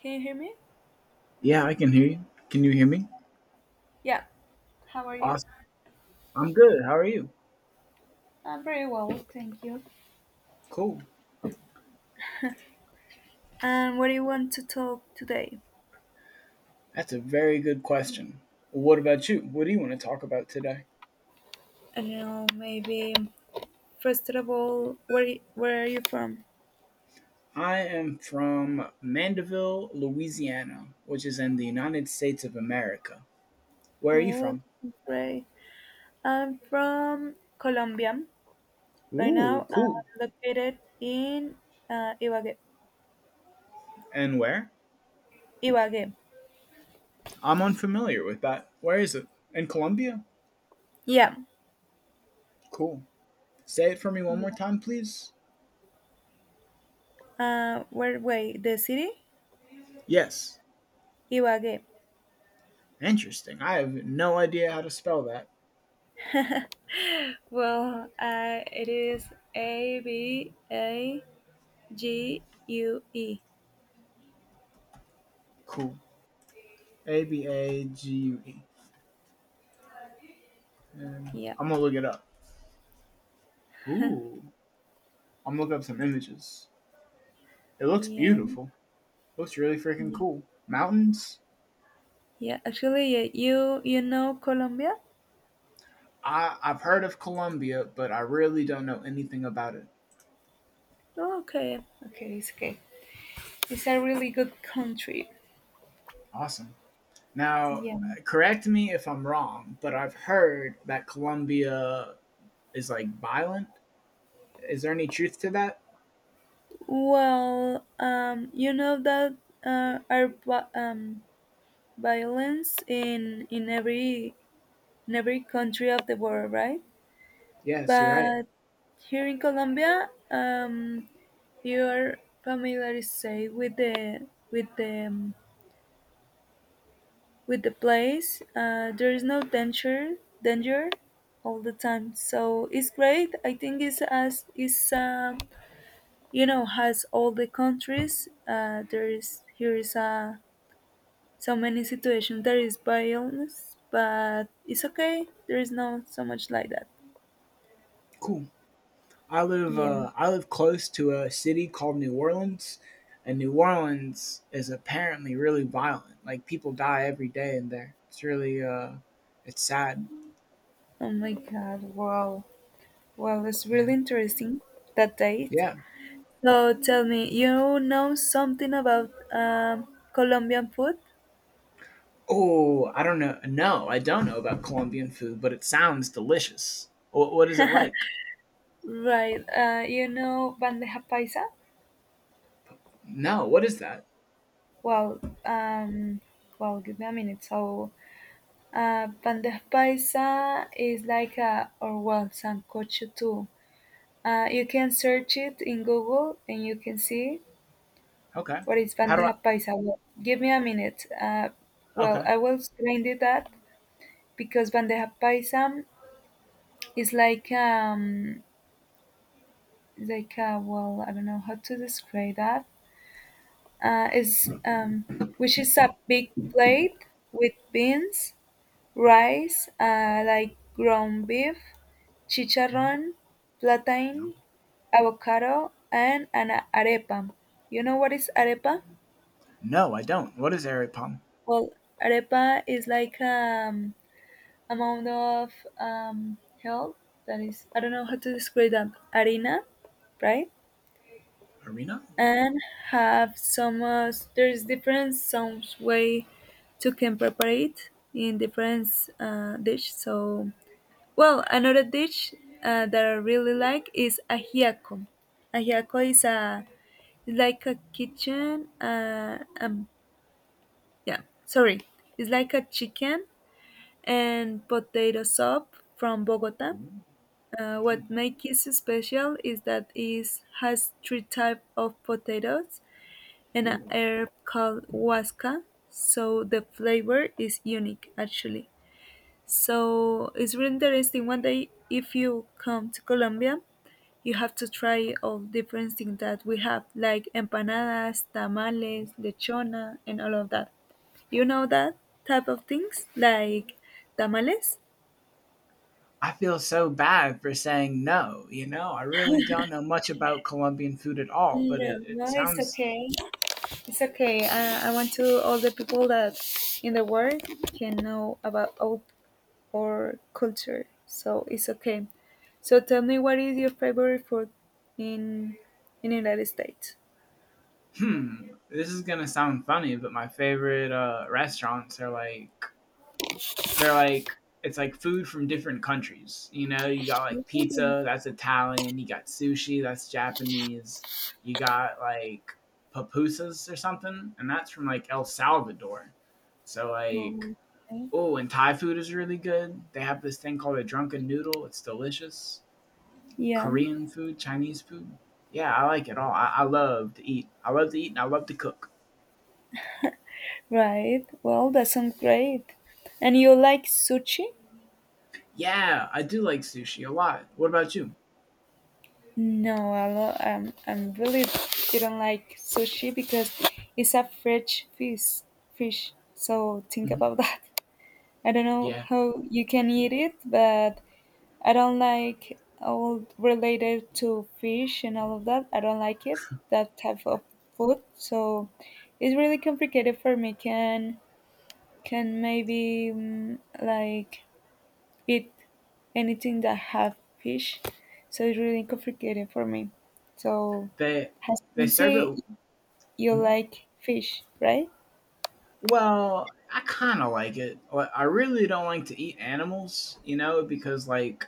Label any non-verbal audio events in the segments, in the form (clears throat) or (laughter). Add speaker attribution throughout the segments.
Speaker 1: Can you hear me?
Speaker 2: Yeah, I can hear you. Can you hear me?
Speaker 1: Yeah, how are you?
Speaker 2: Awesome. I'm good. How are you?
Speaker 1: I'm very well, thank you.
Speaker 2: Cool.
Speaker 1: And what do you want to talk today?
Speaker 2: That's a very good question. What about you? What do you want to talk about today?
Speaker 1: I don't know, maybe first of all, where are you from?
Speaker 2: I am from Mandeville, Louisiana, which is in the United States of America. Where are you
Speaker 1: Oh,
Speaker 2: from?
Speaker 1: this great. I'm from Colombia. Right
Speaker 2: Ooh,
Speaker 1: now,
Speaker 2: cool.
Speaker 1: I'm located in Ibagué.
Speaker 2: And where?
Speaker 1: Ibagué.
Speaker 2: I'm unfamiliar with that. Where is it? In Colombia?
Speaker 1: Yeah.
Speaker 2: Cool. Say it for me one more time, please.
Speaker 1: Where? Wait, the city?
Speaker 2: Yes.
Speaker 1: Ibagué.
Speaker 2: Interesting. I have no idea how to spell that.
Speaker 1: Well, it is Abague.
Speaker 2: Cool. Abague. And
Speaker 1: Yeah,
Speaker 2: I'm gonna look it up. Ooh, I'm gonna look up some images. It looks
Speaker 1: yeah,
Speaker 2: beautiful. It looks really freaking
Speaker 1: yeah,
Speaker 2: cool. Mountains.
Speaker 1: yeah. Actually, yeah, you know Colombia?
Speaker 2: I've heard of Colombia, but I really don't know anything about it.
Speaker 1: Oh, okay, okay. It's a really good country.
Speaker 2: Awesome. Now,
Speaker 1: Yeah.
Speaker 2: correct me if I'm wrong, but I've heard that Colombia is like violent. Is there any truth to that?
Speaker 1: Well, you know that uh, our vi- um violence in every country of the world, right?
Speaker 2: Yes, you're right.
Speaker 1: But here in Colombia, you are familiarized with the with the um, with the place. There is no danger all the time, so it's great. I think it's as it's you know has all the countries. There is here is so many situations. There is violence, but it's okay. There is no so much like that.
Speaker 2: Cool.
Speaker 1: Yeah.
Speaker 2: I live close to a city called New Orleans, and New Orleans is apparently really violent. Like people die every day in there. It's really it's sad.
Speaker 1: Oh my God. Wow. Well, it's
Speaker 2: Yeah,
Speaker 1: really interesting that date.
Speaker 2: yeah.
Speaker 1: So tell me, you know something about Colombian food?
Speaker 2: Oh, I don't know. No, I don't know about Colombian food, but it sounds delicious. What is it like?
Speaker 1: Right. You know bandeja paisa?
Speaker 2: No, what is that?
Speaker 1: Well, well, give me a minute. So, bandeja paisa is like a, or well, sancocho too. You can search it in Google and you can see
Speaker 2: Okay.
Speaker 1: what is
Speaker 2: How do I?
Speaker 1: bandeja paisa. Well, give me a minute. Well,
Speaker 2: Okay.
Speaker 1: I will explain it that because bandeja paisa is like a, well, I don't know how to describe that. Is which is a big plate with beans, rice, like ground beef,
Speaker 2: Hmm.
Speaker 1: chicharrón, plantain, avocado, and an arepa. You know what is arepa?
Speaker 2: No, I don't. What is Aripam?
Speaker 1: Well, arepa is like amount of help that is I don't know how to describe that. Harina, right?
Speaker 2: Arena?
Speaker 1: And have some there's different some way to can prepare it in different dish. So, well, another dish that I really like is ajiaco. Ajiaco is a is like a kitchen, yeah, sorry, it's like a chicken and potato soup from Bogota.
Speaker 2: Ooh,
Speaker 1: What
Speaker 2: yum,
Speaker 1: makes it special is that it has three types of potatoes and a
Speaker 2: ooh,
Speaker 1: herb called huasca. So the flavor is unique actually. So it's really interesting. One day, if you come to Colombia, you have to try all different things that we have, like empanadas,
Speaker 2: mm.
Speaker 1: tamales, lechona, and all of that. You know that type of things, like tamales.
Speaker 2: I feel so bad for saying no, you know? I really don't know much about Colombian food at all, but
Speaker 1: No,
Speaker 2: it
Speaker 1: no, it's
Speaker 2: sounds
Speaker 1: okay. It's okay. I want to all the people that in the world can know about all or culture, so it's okay. So tell me, what is your favorite food in in the United States?
Speaker 2: hmm. This is gonna sound funny, but my favorite restaurants are like it's like food from different countries. You know, you got like pizza,
Speaker 1: Mm.
Speaker 2: that's Italian. You got sushi, that's Japanese. You got like pupusas or something, and that's from like El Salvador. So like,
Speaker 1: Okay.
Speaker 2: oh, and Thai food is really good. They have this thing called a drunken noodle. It's delicious.
Speaker 1: Yeah,
Speaker 2: Korean food, Chinese food. Yeah, I like it all. I love to eat. I love to eat, and I love to cook.
Speaker 1: right. Well, that sounds great. And you like sushi?
Speaker 2: Yeah, I do like sushi a lot. What about you?
Speaker 1: No, I'm really didn't like sushi because it's a fresh fish. Fish. So think about (laughs)
Speaker 2: Hmm.
Speaker 1: that. I don't know
Speaker 2: Yeah,
Speaker 1: how you can eat it, but I don't like all related to fish and all of that. I don't like it, that type of food. So it's really complicated for me. Can maybe like eat anything that have fish. So it's really complicated for me. So
Speaker 2: they
Speaker 1: as you
Speaker 2: they
Speaker 1: can
Speaker 2: serve it.
Speaker 1: see, you
Speaker 2: Mhm.
Speaker 1: like fish, right?
Speaker 2: Well, I kind of like it. Like, I really don't like to eat animals, you know, because like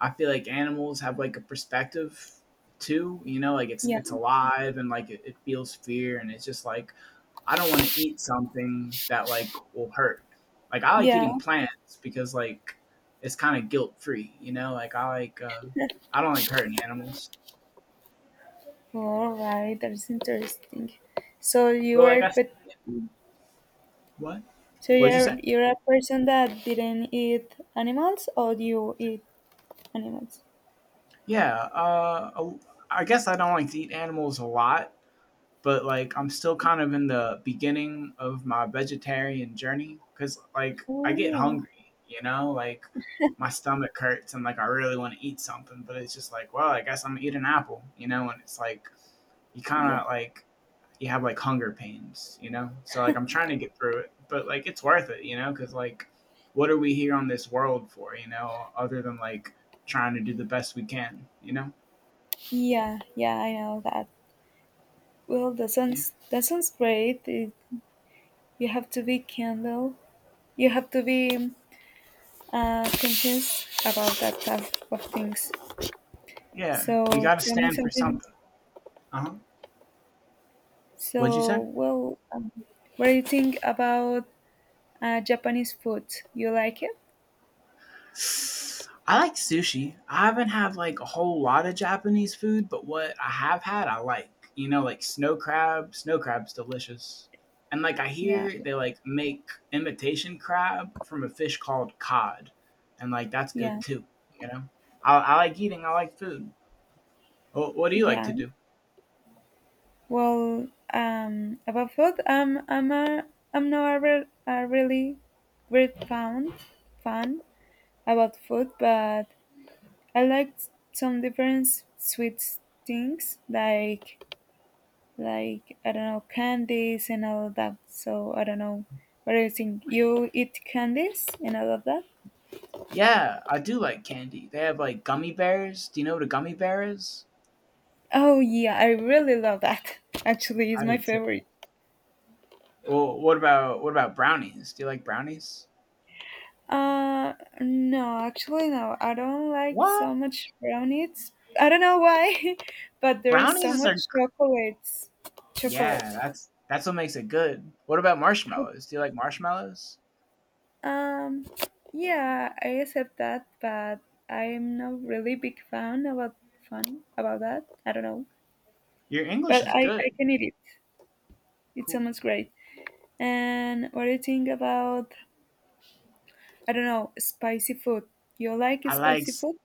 Speaker 2: I feel like animals have like a perspective too. You know, like it's
Speaker 1: Yeah.
Speaker 2: it's alive and like it feels fear, and it's just like I don't want to eat something that like will hurt. Like I like
Speaker 1: Yeah.
Speaker 2: eating plants because like it's kind of guilt free. You know, like I don't like hurting animals.
Speaker 1: All right, that's interesting. So you
Speaker 2: But like
Speaker 1: are,
Speaker 2: I
Speaker 1: but
Speaker 2: what?
Speaker 1: so
Speaker 2: What did you
Speaker 1: you're
Speaker 2: say?
Speaker 1: you're a person that didn't eat animals, or you eat animals?
Speaker 2: Yeah, I guess I don't like to eat animals a lot, but like I'm still kind of in the beginning of my vegetarian journey because like I get
Speaker 1: Oh,
Speaker 2: hungry, you know, like my stomach hurts and like I really want to eat something, but it's just like, well, I guess I'm gonna eat an apple, you know, and it's like you kind
Speaker 1: yeah,
Speaker 2: of like you have like hunger pains, you know? So like I'm trying to get through it, but like it's worth it, you know, cuz like what are we here on this world for, you know, other than like trying to do the best we can, you know?
Speaker 1: yeah, yeah. I know that. Well, that
Speaker 2: Yeah.
Speaker 1: sounds that sounds great. You have to be candle. You have to be conscious about that type of things.
Speaker 2: Yeah,
Speaker 1: So
Speaker 2: you got to
Speaker 1: tell me
Speaker 2: stand for
Speaker 1: something.
Speaker 2: something. Uh-huh. What'd you
Speaker 1: So,
Speaker 2: say?
Speaker 1: what do you think about Japanese food? You like it?
Speaker 2: I like sushi. I haven't had like a whole lot of Japanese food, but what I have had, I like. You know, like snow crab. Snow crab's delicious. And like I
Speaker 1: Yeah,
Speaker 2: hear they like make imitation crab from a fish called cod, and like that's good
Speaker 1: yeah,
Speaker 2: too. You know, I like eating. I like food. What do you like to
Speaker 1: yeah.
Speaker 2: do?
Speaker 1: Well, about food, I'm not a, re a really great fan about food, but I like some different sweet things like I don't know candies and all of that. So I don't know. What do you think? You eat candies and all of that?
Speaker 2: Yeah, I do like candy. They have like gummy bears. Do you know what a gummy bear is?
Speaker 1: Oh yeah, I really love that. (laughs) Actually, it's
Speaker 2: I
Speaker 1: my
Speaker 2: did too.
Speaker 1: favorite.
Speaker 2: Well, what about brownies? Do you like brownies?
Speaker 1: Uh, no, actually, no. I don't like
Speaker 2: What?
Speaker 1: so much brownies. I don't know why, (laughs) but there is so
Speaker 2: Brownies
Speaker 1: much
Speaker 2: are
Speaker 1: chocolates.
Speaker 2: yeah,
Speaker 1: Chocolate.
Speaker 2: that's what makes it good. What about marshmallows? Do you like marshmallows?
Speaker 1: Um, yeah, I accept that, but I'm not really big fan about fun about that. I don't know,
Speaker 2: Your English
Speaker 1: but
Speaker 2: is
Speaker 1: I
Speaker 2: good.
Speaker 1: can eat it. It
Speaker 2: Cool.
Speaker 1: sounds great. And what do you think about I don't know spicy food? You like
Speaker 2: I like
Speaker 1: spicy
Speaker 2: s-
Speaker 1: food?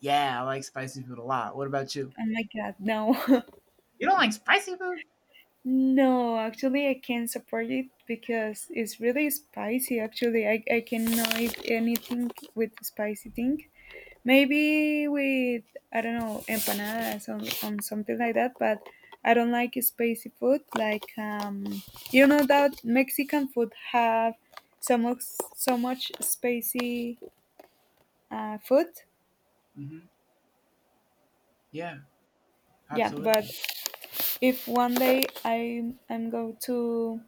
Speaker 2: yeah, I like spicy food a lot. What about you?
Speaker 1: Oh my God, no. (laughs)
Speaker 2: You don't like spicy food?
Speaker 1: No, actually, I can't support it because it's really spicy. Actually, I cannot eat anything with spicy thing. Maybe with, I don't know, empanadas, or something like that, but I don't like spicy food. Like, you know that Mexican food have so much, so much spicy food?
Speaker 2: Hmm. Yeah,
Speaker 1: Yeah, but
Speaker 2: absolutely.
Speaker 1: if one day I'm go to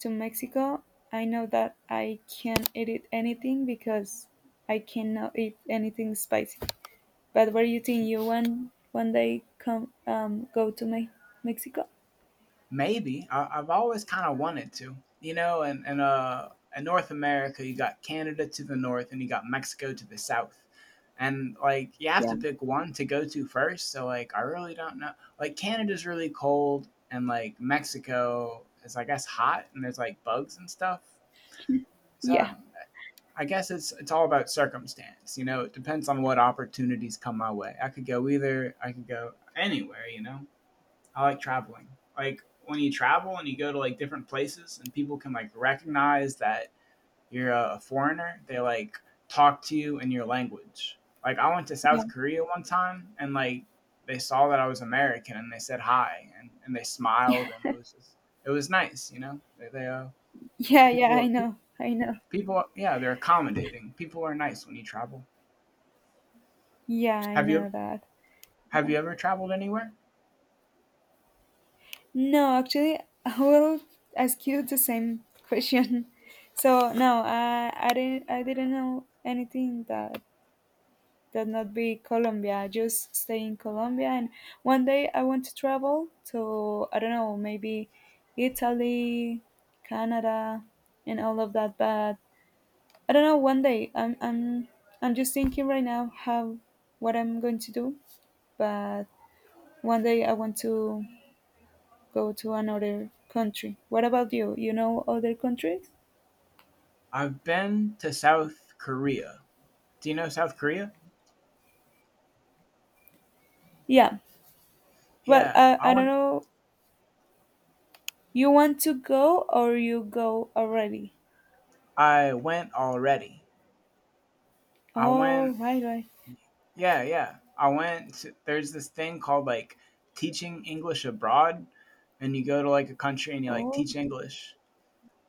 Speaker 1: to Mexico, I know that I can not eat anything because I cannot eat anything spicy. But what do you think? You one day come go to Mexico?
Speaker 2: Maybe I've always kind of wanted to, you know, and in North America, you got Canada to the north, and you got Mexico to the south, and like you have
Speaker 1: Yeah.
Speaker 2: to pick one to go to first. So like, I really don't know. Like Canada's really cold, and like Mexico is, I guess, hot, and there's like bugs and stuff.
Speaker 1: Yeah.
Speaker 2: So I guess it's all about circumstance, you know. It depends on what opportunities come my way. I could go either. I could go anywhere, you know. I like traveling. Like when you travel and you go to like different places and people can like recognize that you're a foreigner, they like talk to you in your language. Like I went to
Speaker 1: Yeah.
Speaker 2: South Korea one time and like they saw that I was American and they said hi and they smiled and it was just, it was nice, you know. They
Speaker 1: Yeah, yeah, I
Speaker 2: people
Speaker 1: know. I know.
Speaker 2: people yeah they're accommodating. People are nice when you travel.
Speaker 1: Yeah, I
Speaker 2: Have you
Speaker 1: know that.
Speaker 2: have you ever traveled anywhere?
Speaker 1: No, actually, I will ask you the same question. (laughs) So no, I didn't know anything that not be Colombia. Just stay in Colombia. And one day I want to travel to I don't know maybe Italy, Canada, and all of that. But I don't know. One day I'm just thinking right now how what I'm going to do. But one day I want to go to another country. What about you? You know other countries?
Speaker 2: I've been to South Korea. Do you know South Korea?
Speaker 1: Yeah. Well,
Speaker 2: Yeah,
Speaker 1: I,
Speaker 2: I
Speaker 1: I don't
Speaker 2: went.
Speaker 1: know. You want to go or you go already?
Speaker 2: I went already. I
Speaker 1: Oh,
Speaker 2: went.
Speaker 1: right, right.
Speaker 2: Yeah, yeah. I went. To, there's this thing called like teaching English abroad, and you go to like a country and you like
Speaker 1: Oh,
Speaker 2: teach English.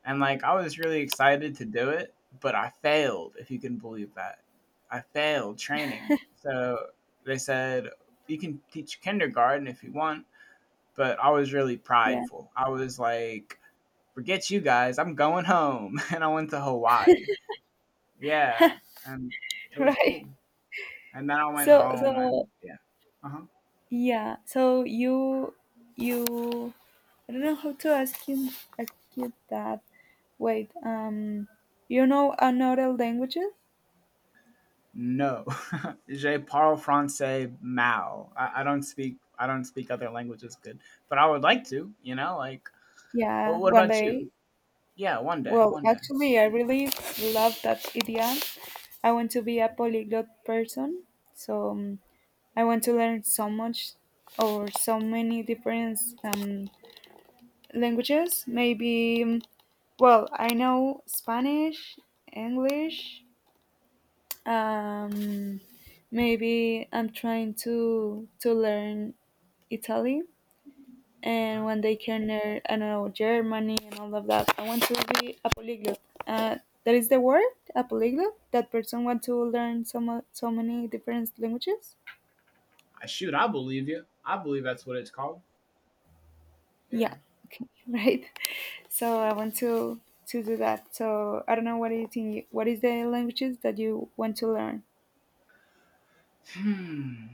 Speaker 2: And like I was really excited to do it, but I failed. If you can believe that, I failed training. So they said you can teach kindergarten if you want, but I was really
Speaker 1: yeah,
Speaker 2: prideful. I was like, forget you guys, I'm going home. (laughs) And I went to Hawaii. Yeah. And
Speaker 1: (laughs)
Speaker 2: it was
Speaker 1: right.
Speaker 2: cool. And then I went
Speaker 1: So,
Speaker 2: home and
Speaker 1: so
Speaker 2: yeah. Uh huh.
Speaker 1: yeah. So you, you. I don't know how to ask you, that. Wait. You know another languages?
Speaker 2: No. (laughs) Je parle français mal. I don't speak other languages good. But I would like to, you know, like oh
Speaker 1: Yeah,
Speaker 2: what
Speaker 1: one
Speaker 2: about you?
Speaker 1: day.
Speaker 2: Yeah, one day,
Speaker 1: Well,
Speaker 2: one day.
Speaker 1: actually, I really love that idea. I want to be a polyglot person. So, I want to learn so much or so many different um, languages, maybe, well, I know Spanish, English. Um, maybe I'm trying to learn Italy, and
Speaker 2: Okay.
Speaker 1: when they can learn, I don't know, Germany and all of that. I want to be a polyglot. Uh, that is the word, a polyglot. That person want to learn so many different languages.
Speaker 2: I shoot, I believe you. I believe that's what it's called. Yeah.
Speaker 1: Yeah. Okay. (laughs) Right. So I want to do that. So I don't know what do you think. What is the languages that you want to learn?
Speaker 2: Hmm.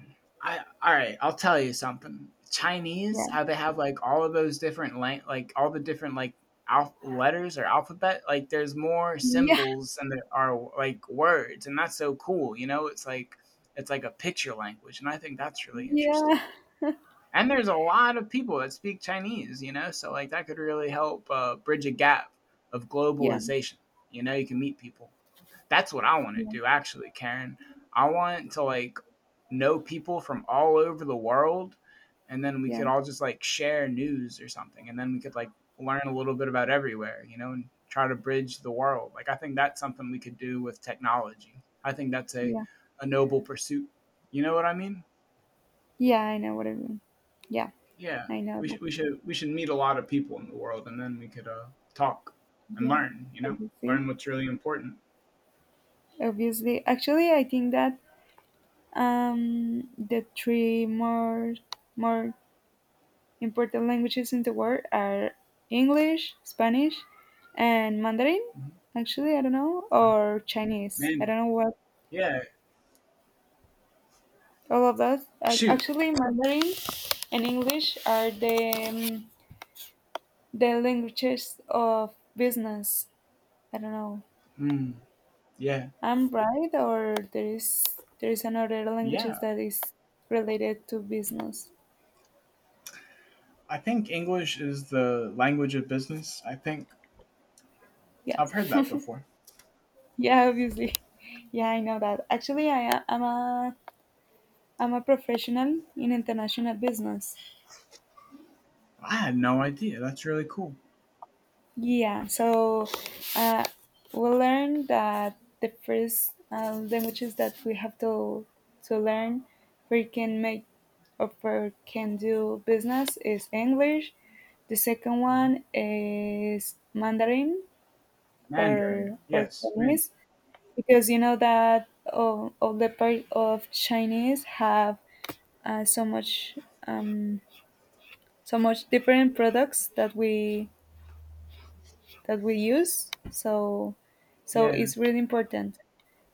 Speaker 2: I all right. I'll tell you something. Chinese,
Speaker 1: Yeah.
Speaker 2: how they have like all of those different like all the different like letters or alphabet. Like there's more
Speaker 1: Yeah.
Speaker 2: symbols than there are like words, and that's so cool. You know, it's like a picture language, and I think that's really interesting.
Speaker 1: Yeah.
Speaker 2: And there's a lot of people that speak Chinese. You know, so like that could really help bridge a gap of
Speaker 1: Yeah.
Speaker 2: globalization. You know, you can meet people. That's what I want to
Speaker 1: Yeah.
Speaker 2: do actually, Karen. I want to like know people from all over the world and then we
Speaker 1: Yeah.
Speaker 2: could all just like share news or something and then we could like learn a little bit about everywhere, you know, and try to bridge the world. Like I think that's something we could do with technology. I think that's
Speaker 1: Yeah.
Speaker 2: a noble pursuit. You know what I mean?
Speaker 1: Yeah. I know what I mean. Yeah.
Speaker 2: Yeah.
Speaker 1: I know
Speaker 2: We
Speaker 1: that.
Speaker 2: should we should we should meet a lot of people in the world and then we could talk and
Speaker 1: Yeah.
Speaker 2: learn, you know?
Speaker 1: Obviously.
Speaker 2: Learn what's really important.
Speaker 1: Obviously. Actually, I think that the three more important languages in the world are English, Spanish, and Mandarin.
Speaker 2: Mhm.
Speaker 1: Actually, I don't know,
Speaker 2: Oh,
Speaker 1: or Chinese. I
Speaker 2: Mandarin.
Speaker 1: don't know what
Speaker 2: Yeah.
Speaker 1: all of that.
Speaker 2: Shoot.
Speaker 1: Actually, Mandarin and English are the languages of business. I don't know.
Speaker 2: Hmm. Yeah.
Speaker 1: I'm right, or there is another languages
Speaker 2: Yeah.
Speaker 1: that is related to business.
Speaker 2: I think English is the language of business.
Speaker 1: Yeah,
Speaker 2: I've heard that before.
Speaker 1: (laughs) yeah, obviously. Yeah, I know that. Actually, I'm a professional in international business.
Speaker 2: I had no idea. That's really cool.
Speaker 1: Yeah, so uh, we learned that the first languages that we have to learn, we can make we can do business is English. The second
Speaker 2: Mhm.
Speaker 1: one is Mandarin or
Speaker 2: Mandarin.
Speaker 1: or
Speaker 2: Yes. Man.
Speaker 1: Chinese because you know that all the part of Chinese have so much. Um, so much different products that we use, so
Speaker 2: Yeah.
Speaker 1: it's really important.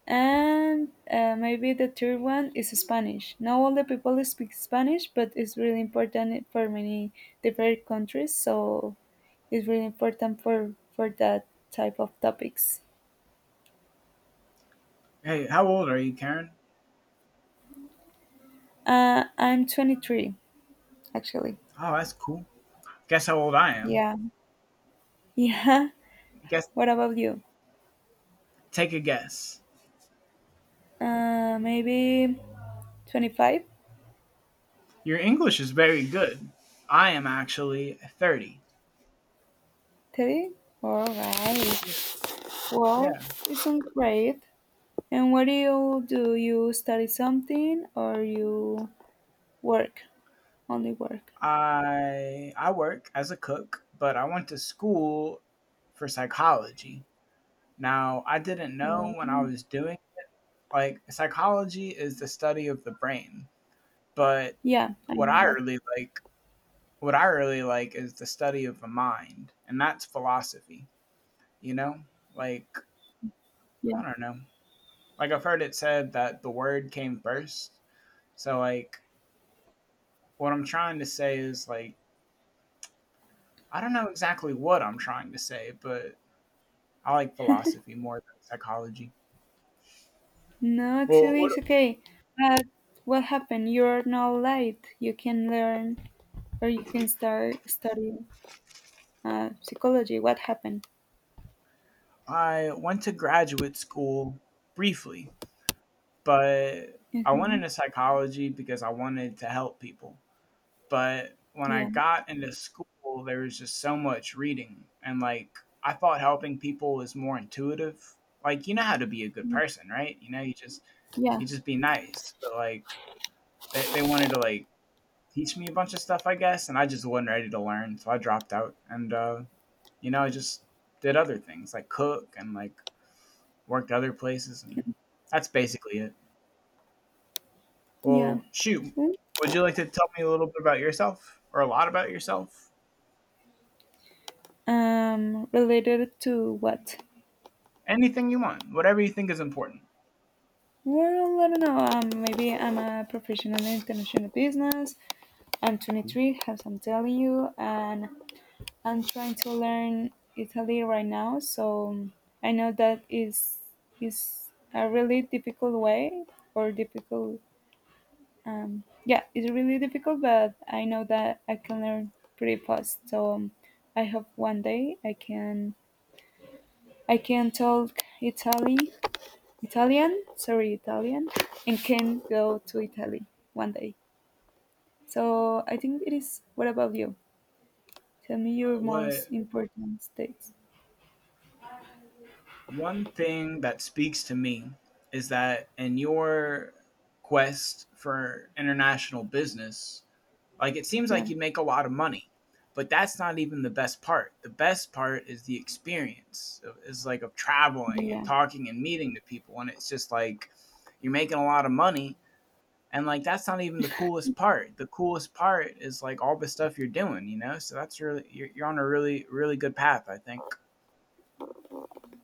Speaker 1: And maybe the third one is Spanish, not all the people speak Spanish, but it's really important for many different countries, so it's really important for that type of topics.
Speaker 2: Hey, how old are you, Karen?
Speaker 1: I'm 23 actually.
Speaker 2: Oh, that's cool. Guess how old I am.
Speaker 1: Yeah. (laughs) Yeah,
Speaker 2: Guess.
Speaker 1: what about you?
Speaker 2: Take a guess.
Speaker 1: Maybe 25,
Speaker 2: Your English is very good. I am actually 30.
Speaker 1: 30. All
Speaker 2: Yeah.
Speaker 1: right. Well,
Speaker 2: Yeah.
Speaker 1: it sounds great. And what do? You study something or you work? Only work.
Speaker 2: I work as a cook, but I went to school for psychology. Now, I didn't know when I
Speaker 1: Um,
Speaker 2: was doing like psychology is the study of the brain, but
Speaker 1: yeah, I
Speaker 2: what
Speaker 1: know
Speaker 2: I
Speaker 1: that.
Speaker 2: really like what I really like is the study of the mind, and that's philosophy, you know? Like, I
Speaker 1: Yeah.
Speaker 2: don't know. Like I've heard it said that the word came first. So like what I'm trying to say is like I don't know exactly what I'm trying to say, but I like philosophy more than psychology.
Speaker 1: No,
Speaker 2: Well,
Speaker 1: actually,
Speaker 2: what
Speaker 1: it's okay. But what happened? You're not late. You can learn or you can start studying psychology. What happened?
Speaker 2: I went to graduate school briefly but I went
Speaker 1: Hmm.
Speaker 2: into psychology because I wanted to help people. But when I
Speaker 1: Yeah,
Speaker 2: got into school, there was just so much reading. And like, I thought helping people was more intuitive. Like, you know how to be a good person, right? You know,
Speaker 1: yeah,
Speaker 2: you just be nice. But like, they wanted to like teach me a bunch of stuff, I guess. And I just wasn't ready to learn. So I dropped out. And, you know, I just did other things like cook and like worked other places. And that's basically it.
Speaker 1: yeah.
Speaker 2: Well, shoot.
Speaker 1: Mm.
Speaker 2: Would you like to tell me a little bit about yourself or a lot about yourself?
Speaker 1: Related to what?
Speaker 2: Anything you want, whatever you think is important.
Speaker 1: Well, I don't know. Maybe I'm a professional in international business. I'm
Speaker 2: Cool.
Speaker 1: 23, as I'm telling you, and I'm trying to learn Italy right now. So I know that is a really difficult way or difficult. Yeah, it's really difficult, but I know that I can learn pretty fast. So, I hope one day I can talk Italy Italian, sorry, Italian, and can go to Italy one day. So I think it is. What about you? Tell me your most
Speaker 2: What
Speaker 1: important states.
Speaker 2: One thing that speaks to me is that in your quest for international business, like it seems like
Speaker 1: Yeah,
Speaker 2: you make a lot of money, but that's not even the best part. The best part is the experience, is like of traveling and
Speaker 1: yeah,
Speaker 2: talking and meeting the people and it's just like you're making a lot of money. And like that's not even the coolest part. The coolest part is like all the stuff you're doing. So that's really you're on a really really good path, I think.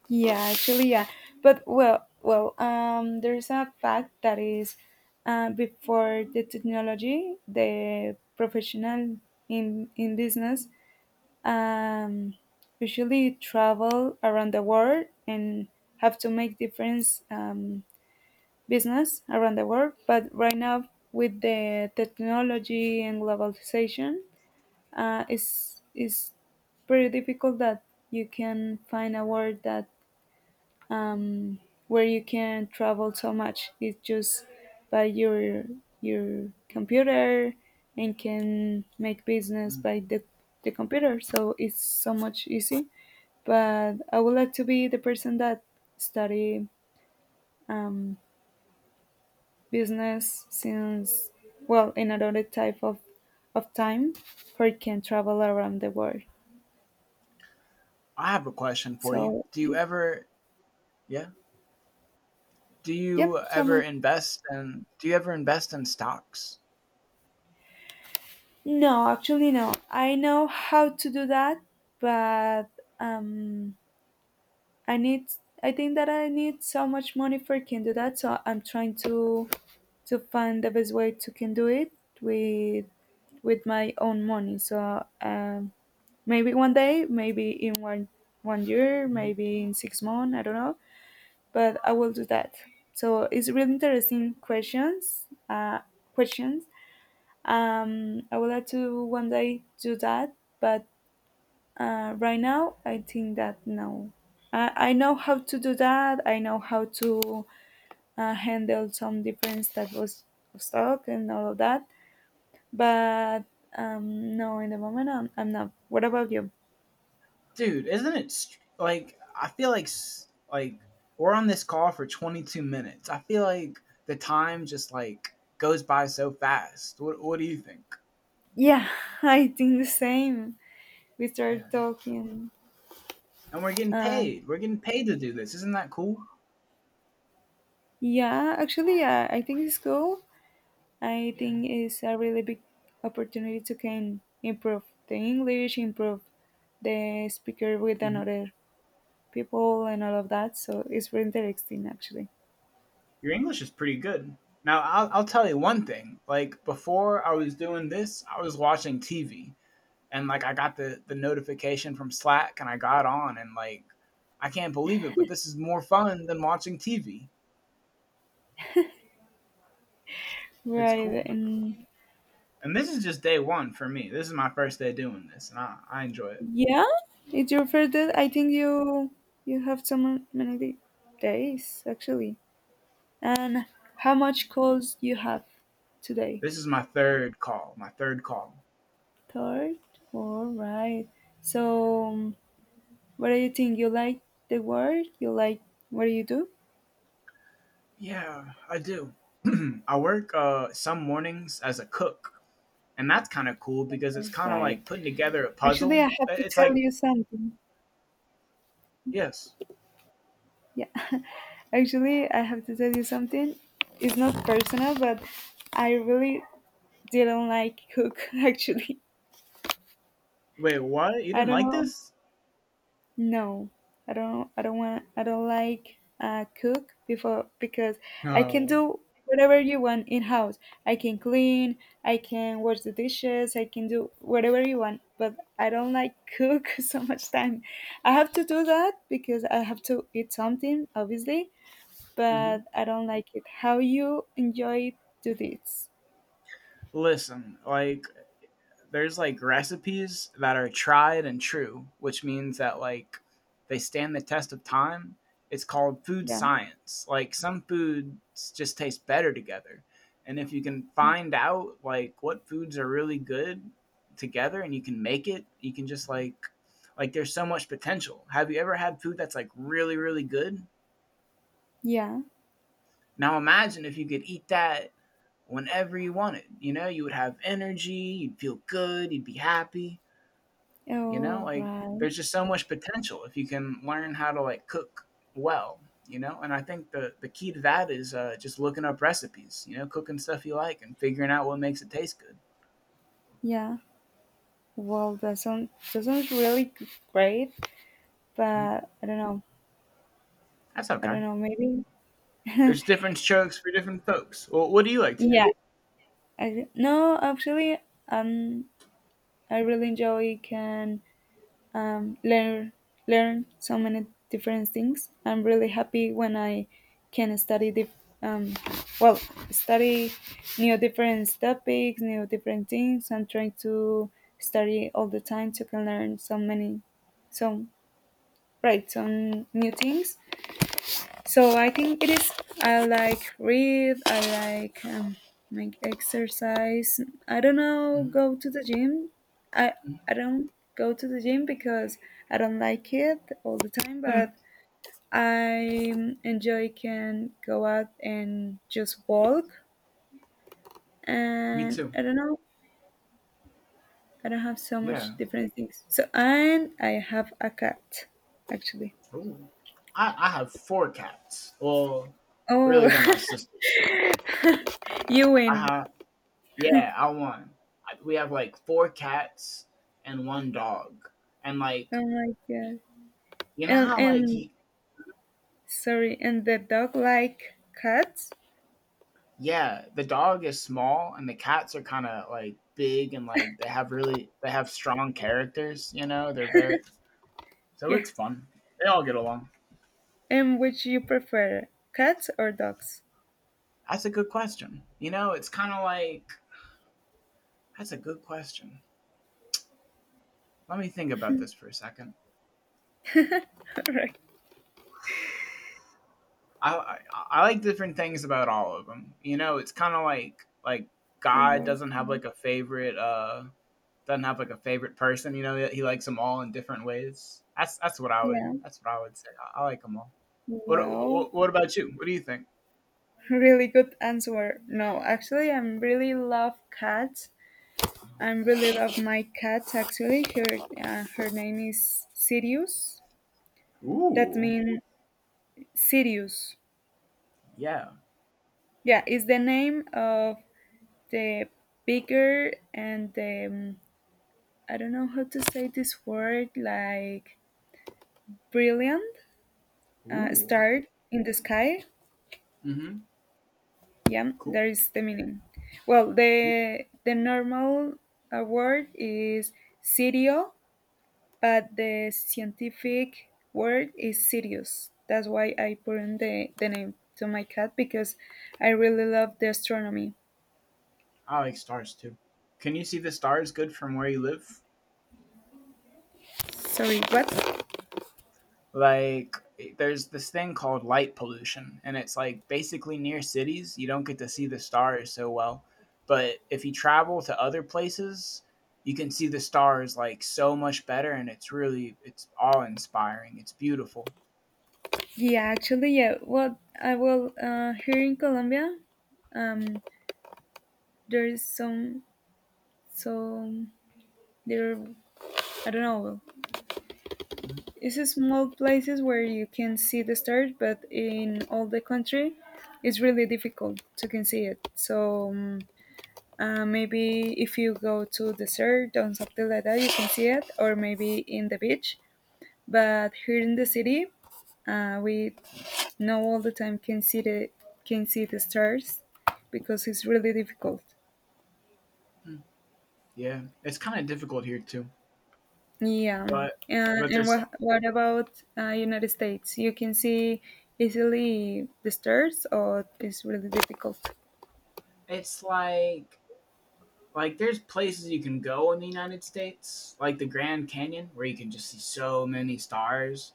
Speaker 1: yeah. Actually, yeah. But well. There is a fact that is, before the technology, the professional in business, um, usually travel around the world and have to make difference. Business around the world. But right now, with the technology and globalization, it's pretty difficult that you can find a world that um, where you can travel so much. It's just by your computer and can make business
Speaker 2: Mm.
Speaker 1: by the computer. So it's so much easy, but I would like to be the person that study um, business since, well, in another type of time, for it can travel around the world.
Speaker 2: I have a question for you.
Speaker 1: So, it is.
Speaker 2: Yeah,
Speaker 1: Yep, tell me.
Speaker 2: Do you ever invest in stocks?
Speaker 1: No, actually, no. I know how to do that, but um, I need. I think that I need so much money for can do that. So I'm trying to find the best way to can do it with with my own money. So maybe one day, maybe in one year,
Speaker 2: Mhm.
Speaker 1: maybe in 6 months. I don't know, but I will do that. So it's really interesting questions. Questions. I would like to one day do that, but right now I think that no. I know how to do that. I know how to handle some different type of stock and all of that. But no, in the moment I'm not. What about you?
Speaker 2: Dude, isn't it str- like I feel like we're on this call for 22 minutes. I feel like the time just like goes by so fast. What do you think?
Speaker 1: Yeah, (laughs) I think the same. We
Speaker 2: Yeah,
Speaker 1: started talking.
Speaker 2: and we're getting
Speaker 1: Uh,
Speaker 2: paid. We're getting paid to do this. Isn't that cool?
Speaker 1: yeah, actually, I think it's cool. I
Speaker 2: Yeah.
Speaker 1: think it's a really big opportunity to can improve the English, improve the speaker with
Speaker 2: Hmm.
Speaker 1: another people and all of that. So it's really interesting, actually.
Speaker 2: Your English is pretty good. Now, I'll tell you one thing. Like, before I was doing this, I was watching TV and, like, I got the notification from Slack and I got on and, like, I can't believe it, but this is more fun than watching TV. It's cool.
Speaker 1: Right, and
Speaker 2: And this is just day one for me. This is my first day doing this and I enjoy it.
Speaker 1: yeah, it's your first day.
Speaker 2: Yeah.
Speaker 1: I think you have many days, actually. And how much calls you have today?
Speaker 2: This is my third call. My third call.
Speaker 1: Third, all right. So, what do you think? You like the work? You like what do you do?
Speaker 2: Yeah, I do. (clears throat) I work some mornings as a cook and that's kind of cool because it's kind of like
Speaker 1: Right.
Speaker 2: putting together a
Speaker 1: Actually,
Speaker 2: puzzle.
Speaker 1: I have to
Speaker 2: It's
Speaker 1: tell
Speaker 2: like,
Speaker 1: you something.
Speaker 2: yes,
Speaker 1: Yeah. (laughs) Actually, I have to tell you something. It's not personal, but I really didn't like cook. (laughs) Actually,
Speaker 2: wait, what? You
Speaker 1: I
Speaker 2: didn't
Speaker 1: don't
Speaker 2: like
Speaker 1: know.
Speaker 2: this?
Speaker 1: No, I don't. I don't want. I don't like cook before because I can
Speaker 2: Oh,
Speaker 1: do whatever you want in house. I can clean. I can wash the dishes. I can do whatever you want. But I don't like cook (laughs) so much time. I have to do that because I have to eat something, obviously.
Speaker 2: hmm.
Speaker 1: But I don't like it. How you enjoy do this?
Speaker 2: Listen, like there's like recipes that are tried and true, which means that like they stand the test of time. It's called food
Speaker 1: Yeah.
Speaker 2: science. Like some foods just taste better together. And if you can
Speaker 1: Yeah.
Speaker 2: find out like what foods are really good together and you can make it, you can just like there's so much potential. Have you ever had food that's like really really good?
Speaker 1: Yeah.
Speaker 2: Now imagine if you could eat that whenever you wanted. You know, you would have energy, you'd feel good, you'd be happy. You know,
Speaker 1: All
Speaker 2: like
Speaker 1: right.
Speaker 2: there's just so much potential if you can learn how to like cook well, you know? And I think the key to that is just looking up recipes, you know, cooking stuff you like and figuring out what makes it taste good.
Speaker 1: Yeah. Well, that sounds really great,
Speaker 2: Mhm.
Speaker 1: but I don't know.
Speaker 2: That's
Speaker 1: I
Speaker 2: okay.
Speaker 1: don't know. Maybe. (laughs)
Speaker 2: There's different strokes for different folks. Well, what do you like to do?
Speaker 1: Yeah. No, actually, um, I really enjoy can um learn learn so many different things. I'm really happy when I can um well study new different topics, new different things. I'm trying to study all the time to can learn so right, some new things. So I think it is. I like read. I like make exercise. I don't know.
Speaker 2: Mhm.
Speaker 1: Go to the gym. I I don't go to the gym because I don't like it all the time.
Speaker 2: Mhm.
Speaker 1: But I enjoy can go out and just walk.
Speaker 2: Me
Speaker 1: And
Speaker 2: too.
Speaker 1: I don't know. I don't have so
Speaker 2: Yeah.
Speaker 1: much different things. So, and I have a cat, actually.
Speaker 2: Ooh. I have four cats. Well, really,
Speaker 1: Oh,
Speaker 2: they're my
Speaker 1: (laughs)
Speaker 2: sisters.
Speaker 1: you
Speaker 2: I
Speaker 1: win!
Speaker 2: have, yeah, I won. We have like four cats and one dog. And like,
Speaker 1: Oh my
Speaker 2: Y-
Speaker 1: god!
Speaker 2: You know how like
Speaker 1: And Sorry, and the dog like cats?
Speaker 2: yeah, the dog is small and the cats are kind of like big and like they have strong characters. You know, they're very, so
Speaker 1: Yeah.
Speaker 2: it's fun. They all get along.
Speaker 1: And which you prefer, cats or dogs?
Speaker 2: That's a good question. You know, it's kind of like that's a good question. Let me think about this for a second.
Speaker 1: (laughs) All right.
Speaker 2: I like different things about all of them. You know, it's kind of like
Speaker 1: It
Speaker 2: God
Speaker 1: was-
Speaker 2: doesn't have like a favorite doesn't have like a favorite person. You know, he likes them all in different ways. That's that's what I would
Speaker 1: Yeah.
Speaker 2: that's what I would say. I like them all. What,
Speaker 1: Well,
Speaker 2: what what about you? What do you think?
Speaker 1: really good answer. No, actually, I'm really love cats. I really love my cat. Actually, her name is Sirius. That
Speaker 2: Ooh,
Speaker 1: means Sirius.
Speaker 2: yeah.
Speaker 1: Yeah, is the name of the bigger and the I don't know how to say this word like brilliant
Speaker 2: Ooh.
Speaker 1: star in the sky.
Speaker 2: Mm-hmm.
Speaker 1: Yeah,
Speaker 2: Cool.
Speaker 1: that is the meaning. Well, the normal word is Sirio, but the scientific word is Sirius. That's why I put in the name to my cat because I really love the astronomy.
Speaker 2: I like stars too. Can you see the stars good from where you live?
Speaker 1: Sorry, what?
Speaker 2: Like, there's this thing called light pollution and it's like basically near cities you don't get to see the stars so well, but if you travel to other places you can see the stars like so much better, and it's really, it's awe inspiring, it's beautiful.
Speaker 1: Yeah, actually, yeah. Well, I will. Here in Colombia, um, there is some there. I don't know. It's a small places where you can see the stars, but in all the country, it's really difficult to can see it. So maybe if you go to desert or something like that, you can see it, or maybe in the beach. But here in the city, we know all the time can see the stars because it's really difficult.
Speaker 2: Mhm. Yeah, it's kind of difficult here too,
Speaker 1: Yeah,
Speaker 2: but but
Speaker 1: and
Speaker 2: there's.
Speaker 1: what about United States? You can see easily the stairs, or it's really difficult.
Speaker 2: It's like there's places you can go in the United States like the Grand Canyon where you can just see so many stars.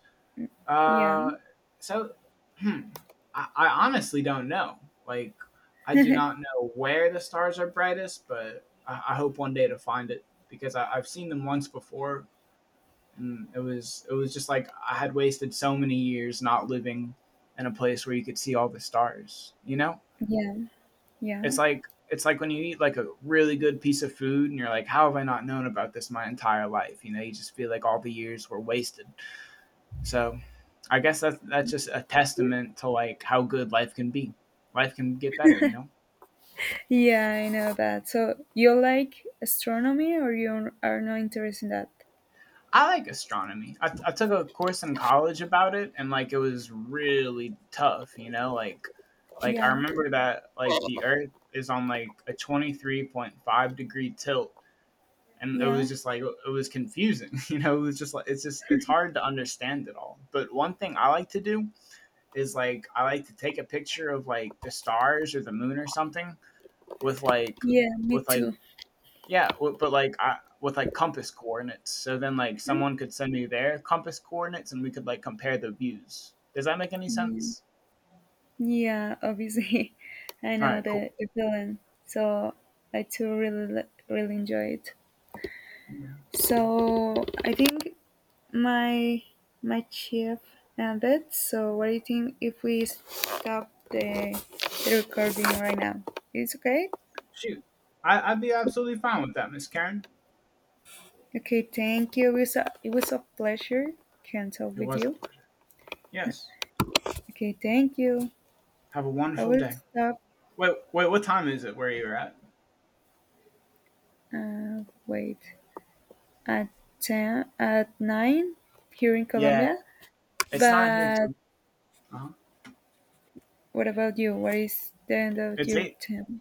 Speaker 1: Yeah,
Speaker 2: Uh, so, hmm, I honestly don't know. Like, I do not know where the stars are brightest, but I hope one day to find it because I've seen them once before, and it was just like I had wasted so many years not living in a place where you could see all the stars. You know,
Speaker 1: yeah, yeah,
Speaker 2: it's like when you eat like a really good piece of food and you're like, how have I not known about this my entire life? You know, you just feel like all the years were wasted. So I guess that's just a testament to like how good life can be. Life can get better, you know.
Speaker 1: yeah, I know that. So you like astronomy, or you are not interested in that?
Speaker 2: I like astronomy. I took a course in college about it, and like it was really tough, you know. Like, I
Speaker 1: Yeah,
Speaker 2: remember that like the Earth is on like a 23.5 degree tilt, and it was
Speaker 1: yeah,
Speaker 2: just like it was confusing, (laughs) you know. It was just like it's hard to understand it all. But one thing I like to do is like I like to take a picture of like the stars or the moon or something, with like
Speaker 1: yeah. Me
Speaker 2: with like
Speaker 1: too.
Speaker 2: yeah, but like I with like compass coordinates. So then like someone could send me their compass coordinates and we could like compare the views. Does that make any
Speaker 1: Yeah,
Speaker 2: sense?
Speaker 1: yeah, obviously, (laughs) I
Speaker 2: All
Speaker 1: know
Speaker 2: right, cool.
Speaker 1: the feeling. So I too really enjoy it.
Speaker 2: Yeah.
Speaker 1: So I think my my chief ended. So what do you think if we stop the recording right now? It's okay.
Speaker 2: Shoot. I'd be absolutely fine with that, Miss Karen.
Speaker 1: Okay, thank you. It was a pleasure. Can talk
Speaker 2: It
Speaker 1: with
Speaker 2: was a
Speaker 1: you.
Speaker 2: pleasure. Yes.
Speaker 1: Okay, thank you.
Speaker 2: Have a
Speaker 1: I
Speaker 2: wonderful
Speaker 1: will
Speaker 2: day.
Speaker 1: stop.
Speaker 2: Wait, wait, what time is it where you're at?
Speaker 1: Wait, at ten at nine here in
Speaker 2: Yeah,
Speaker 1: Colombia.
Speaker 2: it's not here
Speaker 1: But
Speaker 2: too. Uh-huh.
Speaker 1: what about you? What is the end of
Speaker 2: It's
Speaker 1: your
Speaker 2: eight.
Speaker 1: term?